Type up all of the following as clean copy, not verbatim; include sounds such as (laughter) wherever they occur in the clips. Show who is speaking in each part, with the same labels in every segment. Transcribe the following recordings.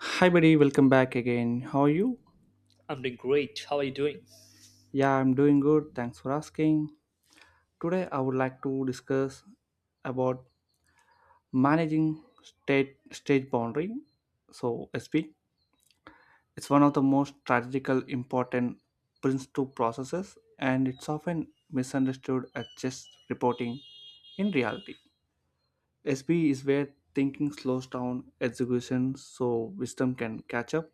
Speaker 1: Hi, buddy. Welcome back again. How are you?
Speaker 2: I'm doing great. How are you doing?
Speaker 1: Yeah, I'm doing good. Thanks for asking. Today, I would like to discuss about managing state stage boundary. So SP, it's one of the most strategical important Prince two processes, and it's often misunderstood as just reporting. In reality, SP is where thinking slows down execution, so wisdom can catch up.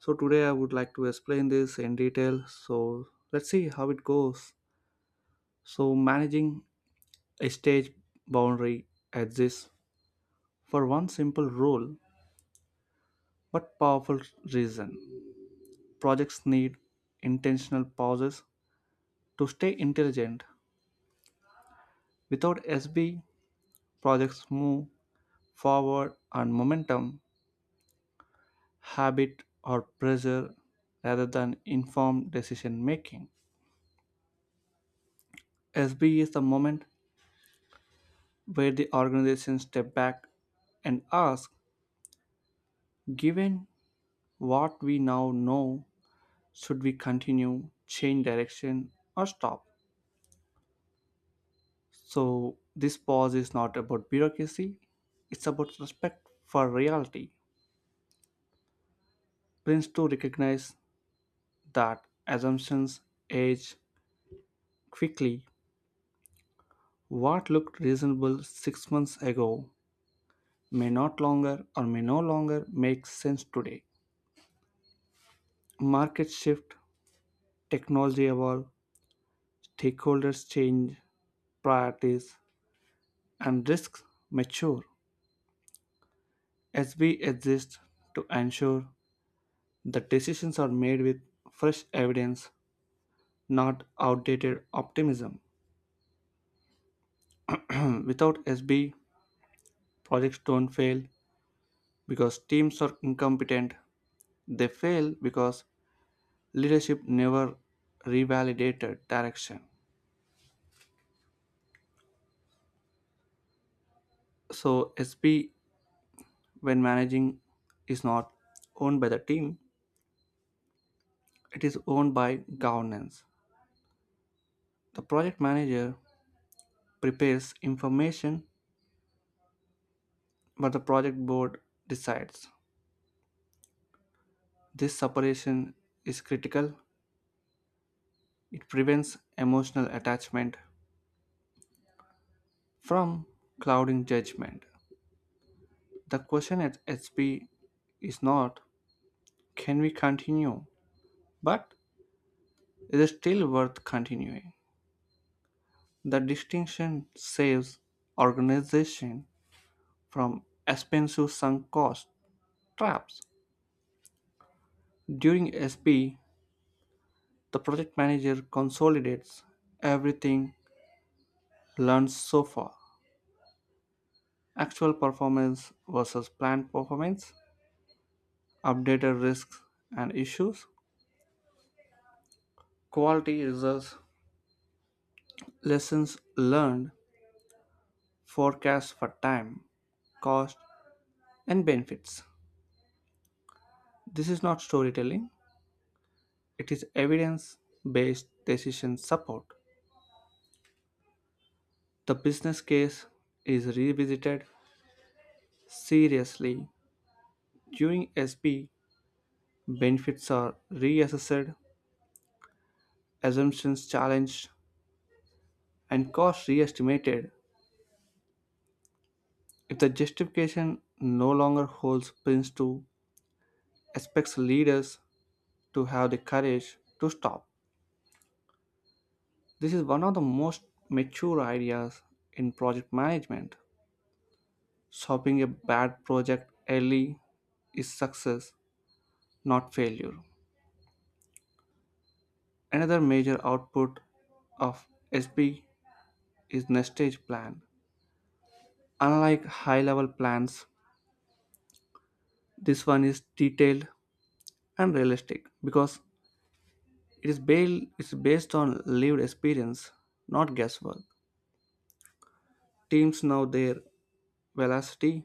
Speaker 1: So today I would like to explain this in detail. So let's see how it goes. So managing a stage boundary exists for one simple rule but powerful reason. Projects need intentional pauses to stay intelligent. Without SB, projects move forward on momentum, habit, or pressure rather than informed decision making. SB is the moment where the organization step back and ask, given what we now know, should we continue, change direction, or stop? So this pause is not about bureaucracy, it's about respect for reality. Prince to recognize that assumptions age quickly. What looked reasonable 6 months ago may no longer make sense today. Market shift, technology evolve, stakeholders change, priorities, and risks mature. SB exists to ensure that decisions are made with fresh evidence, not outdated optimism. (clears throat) Without SB, projects don't fail because teams are incompetent. They fail because leadership never revalidated direction. So, SB, when managing, is not owned by the team, it is owned by governance. The project manager prepares information, but the project board decides. This separation is critical. It prevents emotional attachment from clouding judgment. The question at HP is not can we continue, but is it still worth continuing? The distinction saves organization from expensive sunk cost traps. During SP, the project manager consolidates everything learned so far: actual performance versus planned performance, updated risks and issues, quality results, lessons learned, forecasts for time, cost, and benefits. This is not storytelling, it is evidence based decision support. The business case is revisited seriously during SP. Benefits are reassessed, assumptions challenged, and costs re estimated. If the justification no longer holds, Prince too expects leaders to have the courage to stop. This is one of the most mature ideas in project management. Stopping a bad project early is success, not failure. Another major output of SP is nest plan. Unlike high level plans, this one is detailed and realistic because it's based on lived experience, not guesswork. Teams know their velocity,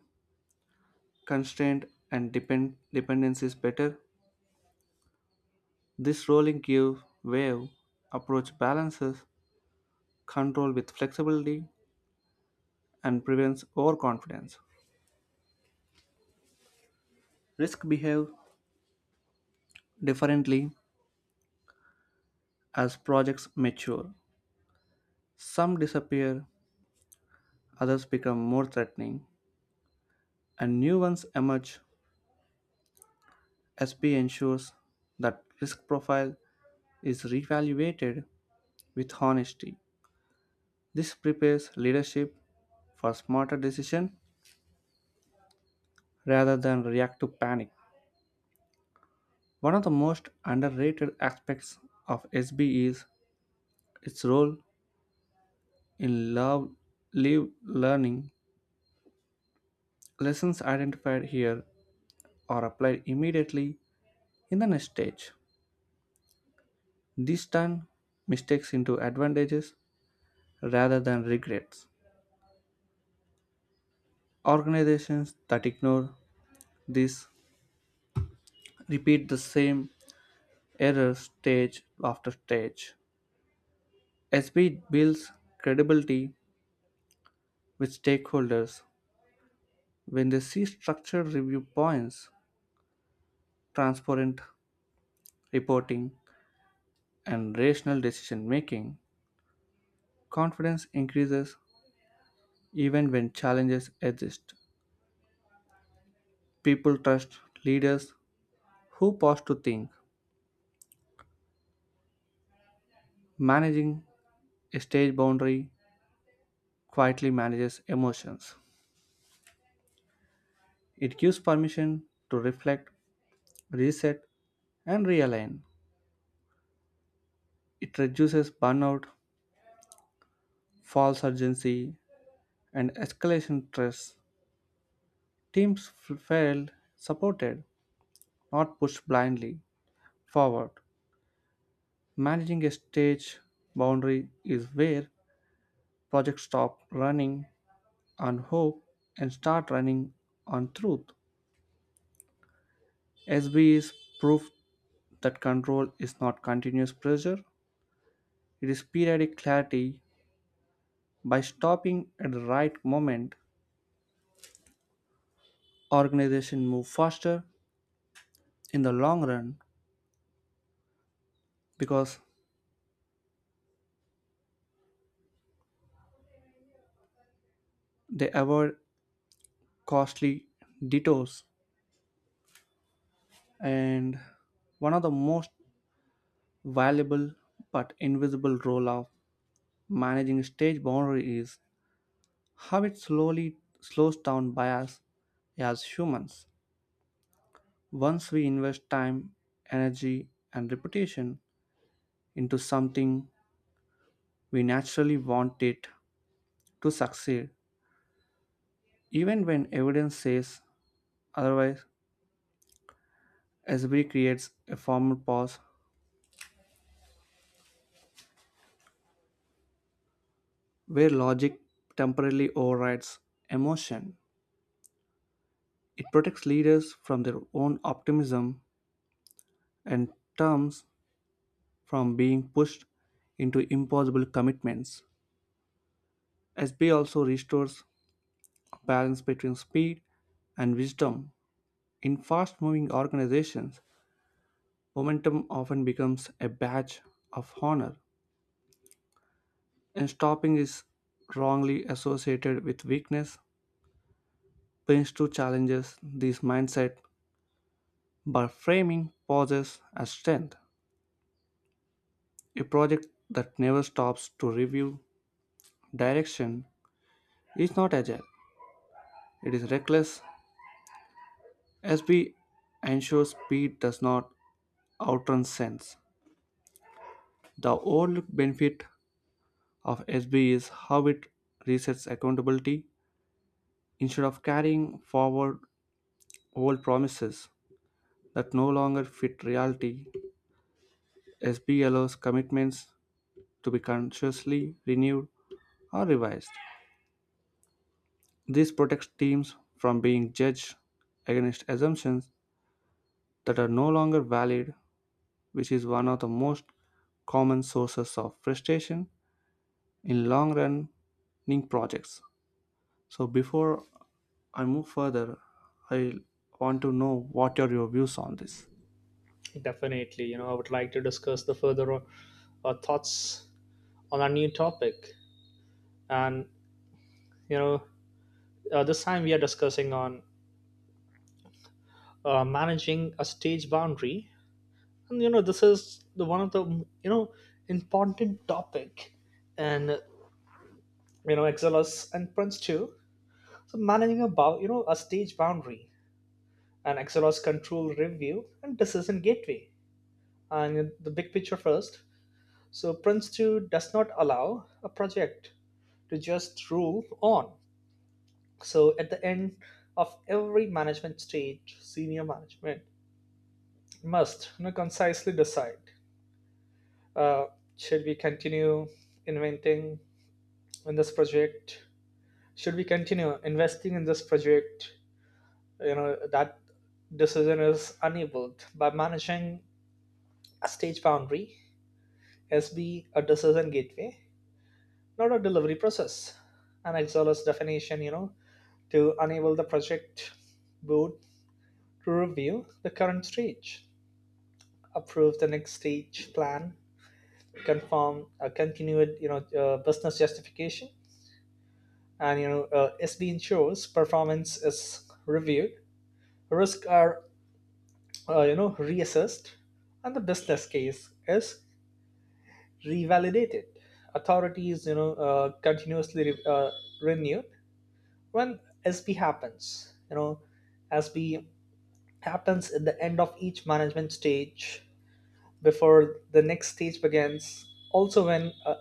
Speaker 1: constraint, and dependencies better. This rolling curve wave approach balances control with flexibility and prevents overconfidence. Risks behave differently as projects mature. Some disappear, others become more threatening, and new ones emerge. SP ensures that risk profile is reevaluated with honesty. This prepares leadership for smarter decision rather than reactive panic. One of the most underrated aspects of SB is its role in love live learning. Lessons identified here are applied immediately in the next stage. This turn mistakes into advantages rather than regrets. Organizations that ignore this repeat the same error stage after stage. SB builds credibility with stakeholders when they see structured review points, transparent reporting, and rational decision making. Confidence increases even when challenges exist. People trust leaders who pause to think. Managing a stage boundary quietly manages emotions. It gives permission to reflect, reset, and realign. It reduces burnout, false urgency, and escalation stress. Teams feel supported, not pushed blindly forward. Managing a stage boundary is where projects stop running on hope and start running on truth. SB is proof that control is not continuous pressure, it is periodic clarity. By stopping at the right moment, organization move faster in the long run because they avoid costly detours. And one of the most valuable but invisible role of managing stage boundary is how it slowly slows down bias as humans. Once we invest time, energy, and reputation into something, we naturally want it to succeed, even when evidence says otherwise. SB creates a formal pause where logic temporarily overrides emotion. It protects leaders from their own optimism and terms from being pushed into impossible commitments. SB also restores a balance between speed and wisdom. In fast moving organizations, momentum often becomes a badge of honor, and stopping is wrongly associated with weakness. Prince 2 challenges this mindset. By framing pauses as strength, a project that never stops to review direction is not agile. It is reckless, as we ensure speed does not outrun sense. The overlooked benefit of SB is how it resets accountability instead of carrying forward old promises that no longer fit reality. SB allows commitments to be consciously renewed or revised. This protects teams from being judged against assumptions that are no longer valid, which is one of the most common sources of frustration in long running projects. So, before I move further, I want to know what are your views on this.
Speaker 2: Definitely, I would like to discuss the further thoughts on our new topic. And, you know, this time we are discussing on managing a stage boundary. And, this is the one of the, important topic and, Exelos and Prince too. So managing a, a stage boundary and Exelos control review and decision gateway. And the big picture first, so Prince 2 does not allow a project to just rule on. So at the end of every management stage, senior management must concisely decide uh, should we continue inventing in this project? Should we continue investing in this project? That decision is enabled by managing a stage boundary, SB, a decision gateway, not a delivery process. An exhaust definition, to enable the project board to review the current stage, approve the next stage plan, confirm a continued business justification, and SB ensures performance is reviewed, risks are reassessed, and the business case is revalidated. Authorities continuously renewed when SB happens. SB happens at the end of each management stage before the next stage begins, also when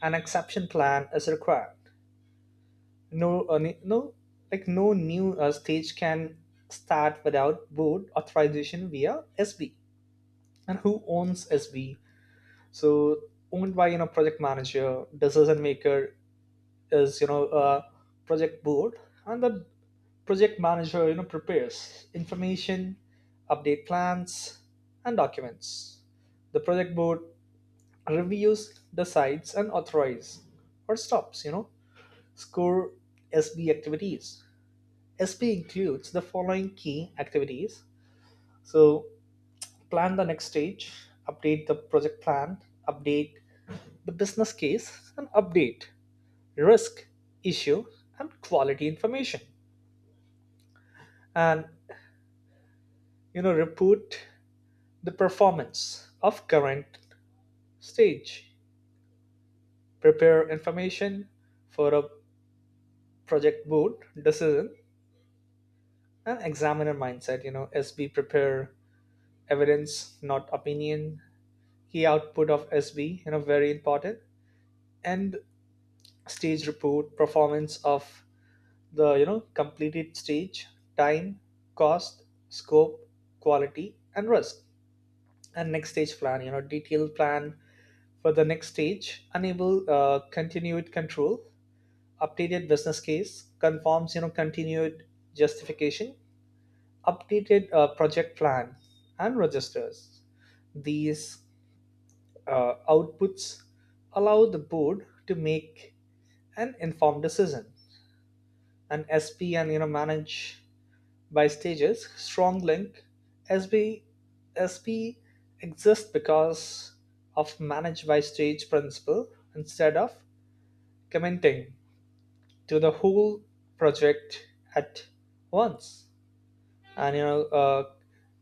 Speaker 2: an exception plan is required. No, uh, ne- no, no new stage can start without board authorization via SB. And who owns SB? So owned by project manager, decision maker is project board, and the project manager prepares information, update plans and documents. The project board reviews, decides and authorizes or stops. Score SB activities: SB includes the following key activities. So plan the next stage, update the project plan, update the business case, and update risk, issue and quality information, and report the performance of current stage. Prepare information for a project board decision. And examiner mindset, SB prepare evidence, not opinion. Key output of SB, very important. And stage report, performance of the completed stage, time, cost, scope, quality, and risk. And next stage plan, detailed plan for the next stage, enable continued control, updated business case conforms, continued justification, updated project plan and registers. These outputs allow the board to make an informed decision. And SP and manage by stages strong link. SB, SP exists because of manage by stage principle, instead of commenting to the whole project at once, and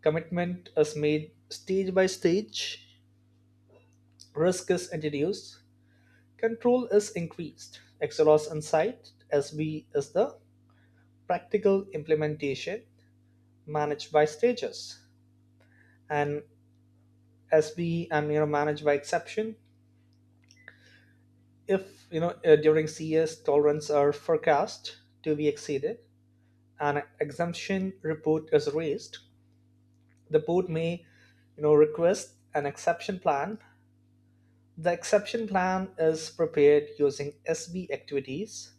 Speaker 2: commitment is made stage by stage, risk is introduced, control is increased. Exelos insight: SB is the practical implementation managed by stages. And SB and managed by exception, if during CS tolerance are forecast to be exceeded, an exemption report is raised. The board may, request an exception plan. The exception plan is prepared using SB activities,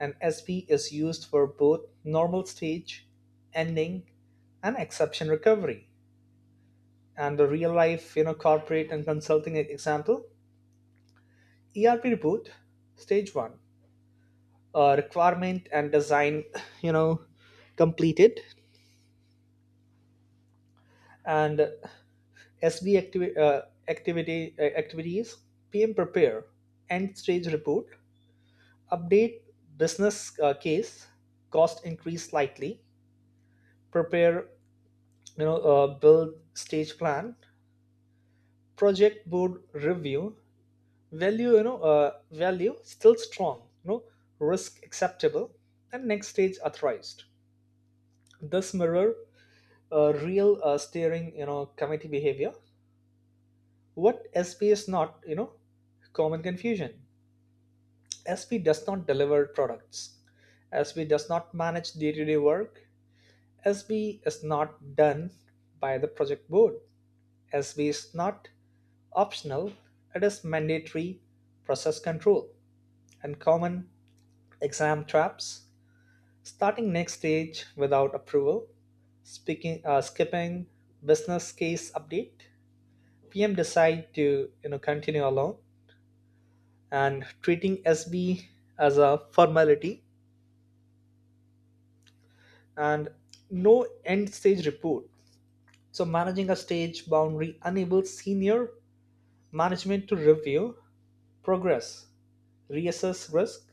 Speaker 2: and SB is used for both normal stage, ending, and exception recovery. And the real life, corporate and consulting example, ERP report, stage one, requirement and design, you know, completed, and SB activities, PM prepare, end stage report, update business case, cost increase slightly, prepare, build stage plan, project board review, value, value still strong, risk acceptable, and next stage authorized. This mirror real steering, committee behavior. What SP is not, common confusion. SB does not deliver products. SB does not manage day to day work. SB is not done by the project board. SB is not optional, it is mandatory process control. And common exam traps: starting next stage without approval, skipping business case update, PM decide to continue alone, and treating SB as a formality, and no end stage report. So managing a stage boundary enables senior management to review progress, reassess risk,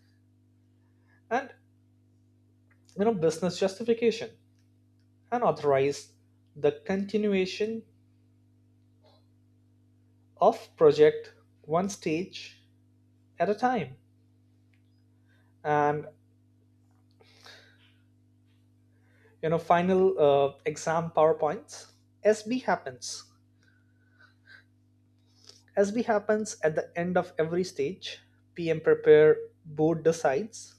Speaker 2: and business justification, and authorize the continuation of project one stage at a time. And final exam powerpoints. SB happens, as we happens at the end of every stage, PM prepare, board decides,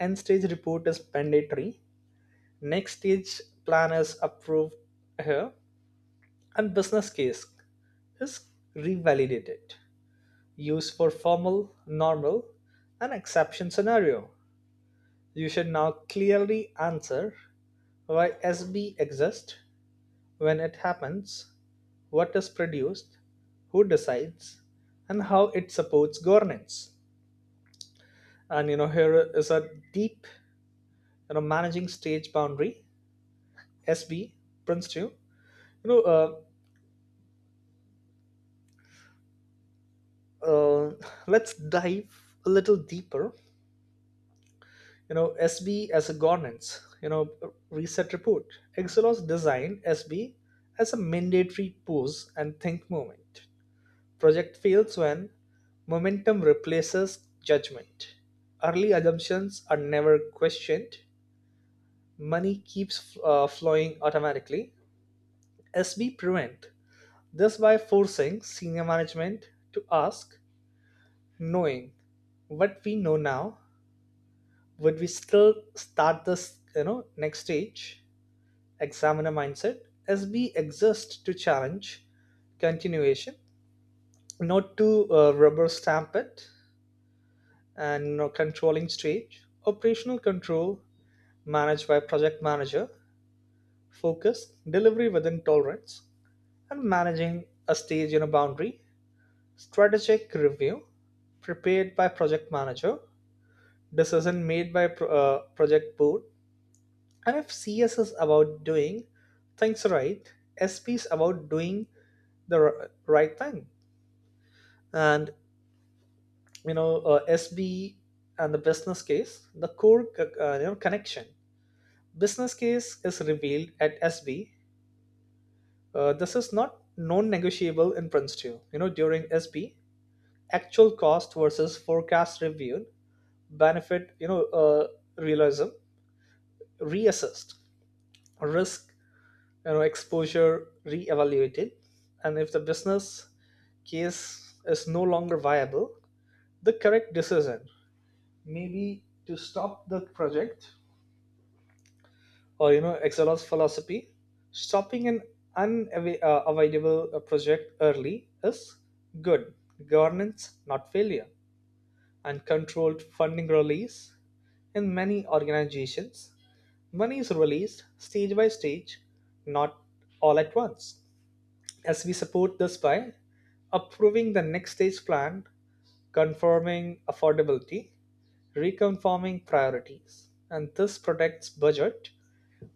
Speaker 2: end stage report is mandatory, next stage plan is approved here, and business case is revalidated. Used for formal, normal, and exception scenario. You should now clearly answer why SB exists, when it happens, what is produced, who decides, and how it supports governance. And here is a deep, managing stage boundary, SB, Prince 2. Know, uh, uh, let's dive a little deeper. SB as a governance, reset report. Exelos designed SB as a mandatory pause and think moment. Project fails when momentum replaces judgment. Early assumptions are never questioned. Money keeps flowing automatically. SB prevent this by forcing senior management to ask, knowing what we know now, would we still start this, next stage. Examiner mindset, as we exist to challenge continuation, not to rubber stamp it. And controlling stage, operational control managed by project manager, focus, delivery within tolerance, and managing a stage in a boundary strategic review prepared by project manager, decision made by project board. And if CS is about doing things right, SP is about doing the right thing. And SB and the business case, the core connection. Business case is revealed at SB. This is not non-negotiable in Prince 2. During SB, actual cost versus forecast reviewed, benefit realism reassessed, risk exposure reevaluated. And if the business case is no longer viable, the correct decision may be to stop the project. Or excelos philosophy: stopping an unavoidable avoidable, project early is good governance, not failure. And controlled funding release: in many organizations, money is released stage by stage, not all at once, as we support this by approving the next stage plan, confirming affordability, reconfirming priorities. And this protects budget,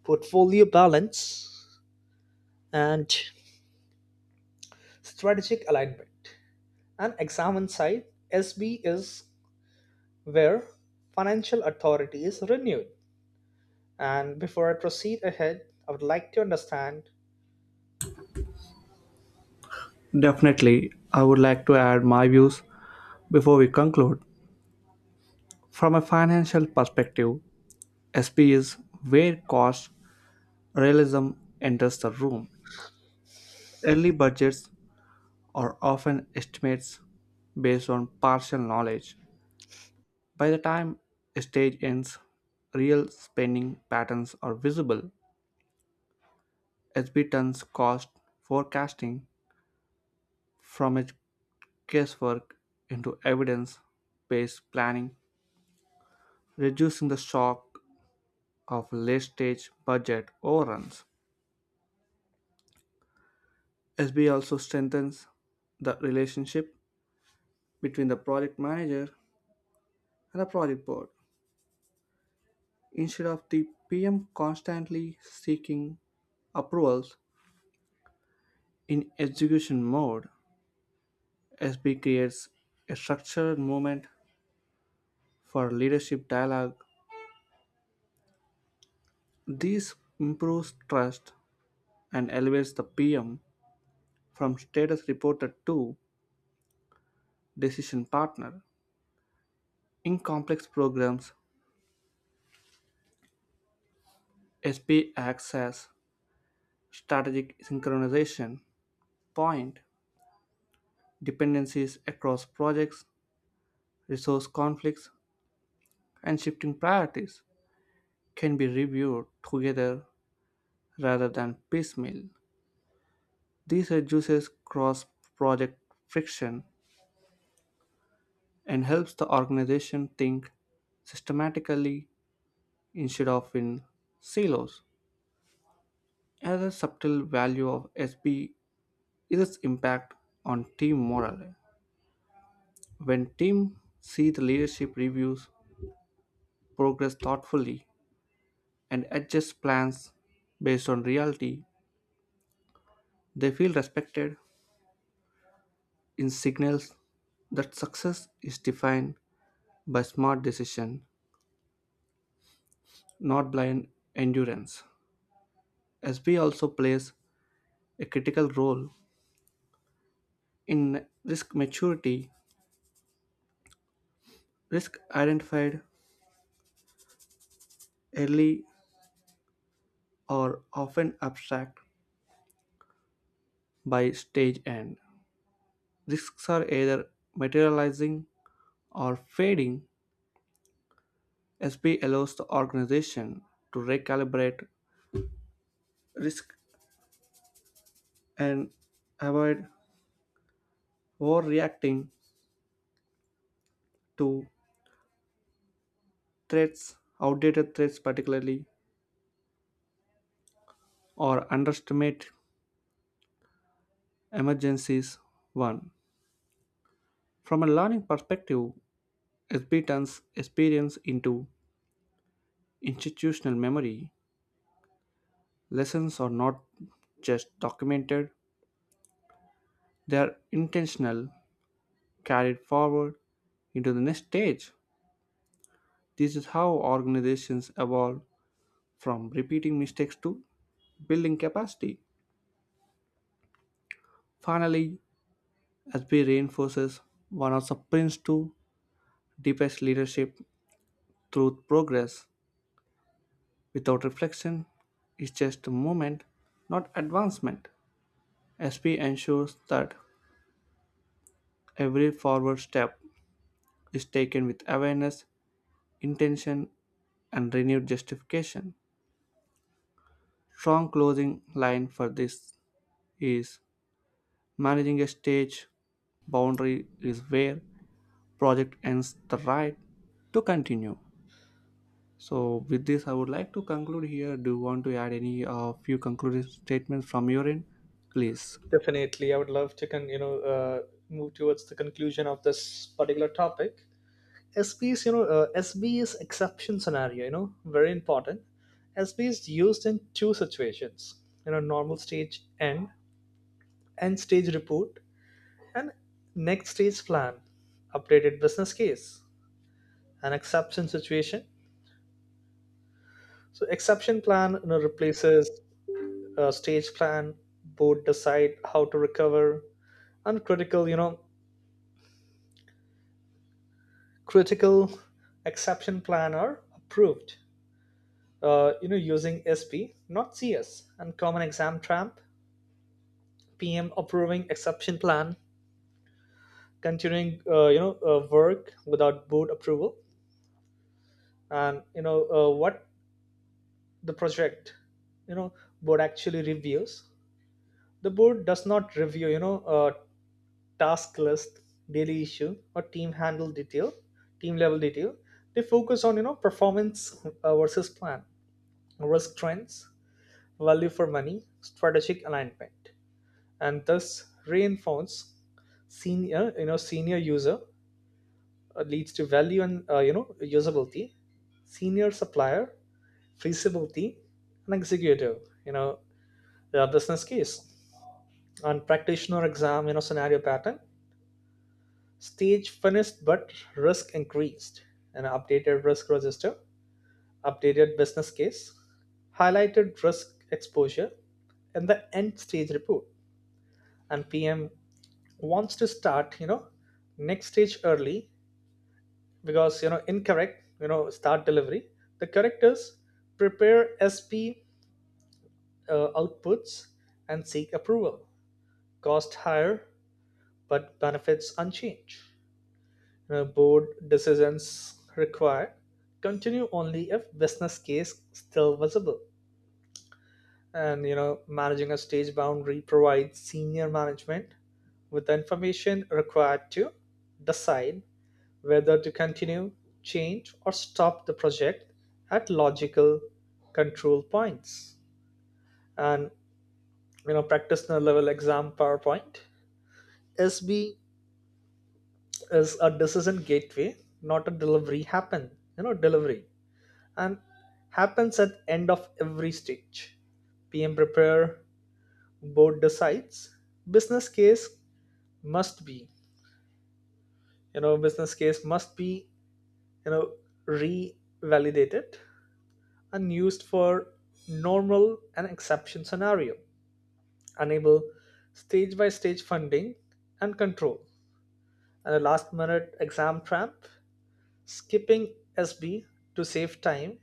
Speaker 2: portfolio balance, and strategic alignment. And exam inside SB is where financial authority is renewed. And before I proceed ahead, I would like to understand.
Speaker 1: Definitely, I would like to add my views before we conclude. From a financial perspective, SP is where cost realism enters the room. Early budgets or often estimates based on partial knowledge. By the time a stage ends, real spending patterns are visible. SB turns cost forecasting from a guesswork into evidence based planning, reducing the shock of late stage budget overruns. SB also strengthens the relationship between the project manager and the project board, instead of the PM constantly seeking approvals. In execution mode, SB creates a structured movement for leadership dialogue. This improves trust and elevates the PM from status reporter to decision partner. In complex programs, SB acts as strategic synchronization point. Dependencies across projects, resource conflicts, and shifting priorities can be reviewed together rather than piecemeal. This reduces cross project friction and helps the organization think systematically instead of in silos. Another subtle value of SB is its impact on team morale. When teams see the leadership reviews progress thoughtfully and adjust plans based on reality, they feel respected. In signals that success is defined by smart decision, not blind endurance. SB also plays a critical role in risk maturity. Risk identified early are often abstract. By stage end, risks are either materializing or fading. SB allows the organization to recalibrate risk and avoid overreacting to threats, outdated threats particularly, or underestimate emergencies. 1. From a learning perspective, SB turns experience into institutional memory. Lessons are not just documented, they are intentional, carried forward into the next stage. This is how organizations evolve from repeating mistakes to building capacity. Finally, SB reinforces one of the Prince's two deepest leadership truth. Progress without reflection is just movement, not advancement. SP ensures that every forward step is taken with awareness, intention, and renewed justification. Strong closing line for this is, managing a stage boundary is where project ends the right to continue. So with this I would like to conclude here. Do you want to add any few concluding statements from your end? Please.
Speaker 2: Definitely, I would love to move towards the conclusion of this particular topic. SB is SB is exception scenario. Very important. SB is used in two situations. Normal stage end, end stage report, and next stage plan, updated business case, an exception situation. So exception plan replaces stage plan. Board decide how to recover. And critical, critical exception plan are approved using SP, not CS. And common exam trap: PM approving exception plan, continuing work without board approval. And what the project you know board actually reviews: the board does not review task list, daily issue, or team handle detail, team level detail. They focus on performance versus plan, risk trends, value for money, strategic alignment, and thus reinforce senior, senior user leads to value and usability, senior supplier feasibility, and executive you know business case. On practitioner exam scenario pattern, stage finished but risk increased, and updated risk register, updated business case, highlighted risk exposure in the end stage report. And PM wants to start next stage early because incorrect start delivery. The correct is prepare SP outputs and seek approval. Cost higher but benefits unchanged, board decisions required, continue only if business case still visible. And managing a stage boundary provides senior management with the information required to decide whether to continue, change, or stop the project at logical control points. And practitioner level exam PowerPoint. SB is a decision gateway, not a delivery happen. Delivery and happens at end of every stage. PM prepare, board decides. Business case must be, you know, business case must be, you know, revalidated and used for normal and exception scenario, enable stage by stage funding and control. And a last minute exam tramp: skipping SB to save time,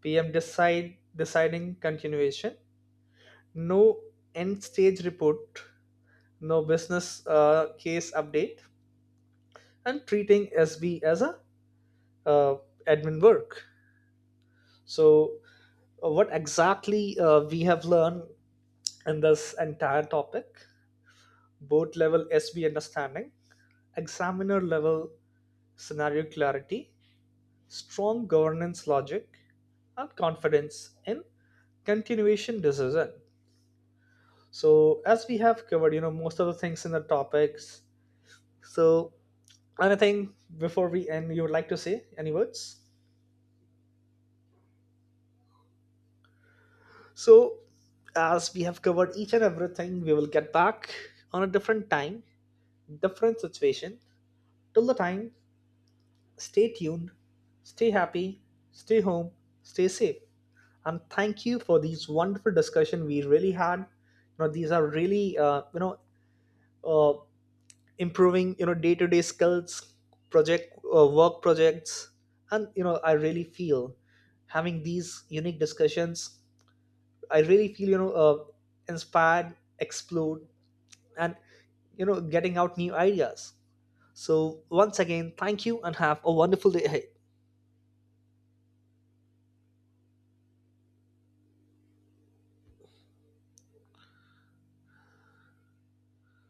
Speaker 2: PM decide deciding continuation, no end stage report, no business case update, and treating SB as a uh, admin work. So, what exactly we have learned in this entire topic: board level SB understanding, examiner level scenario clarity, strong governance logic, and confidence in continuation decision. So as we have covered, most of the things in the topics. So, anything before we end, you would like to say any words? So as we have covered each and everything, we will get back on a different time, different situation. Till the time, stay tuned, stay happy, stay home, stay safe. And thank you for these wonderful discussion we really had. These are really uh, improving day to day skills, project work projects, and I really feel having these unique discussions. I really feel inspired, explored, and getting out new ideas. So once again, thank you and have a wonderful day ahead.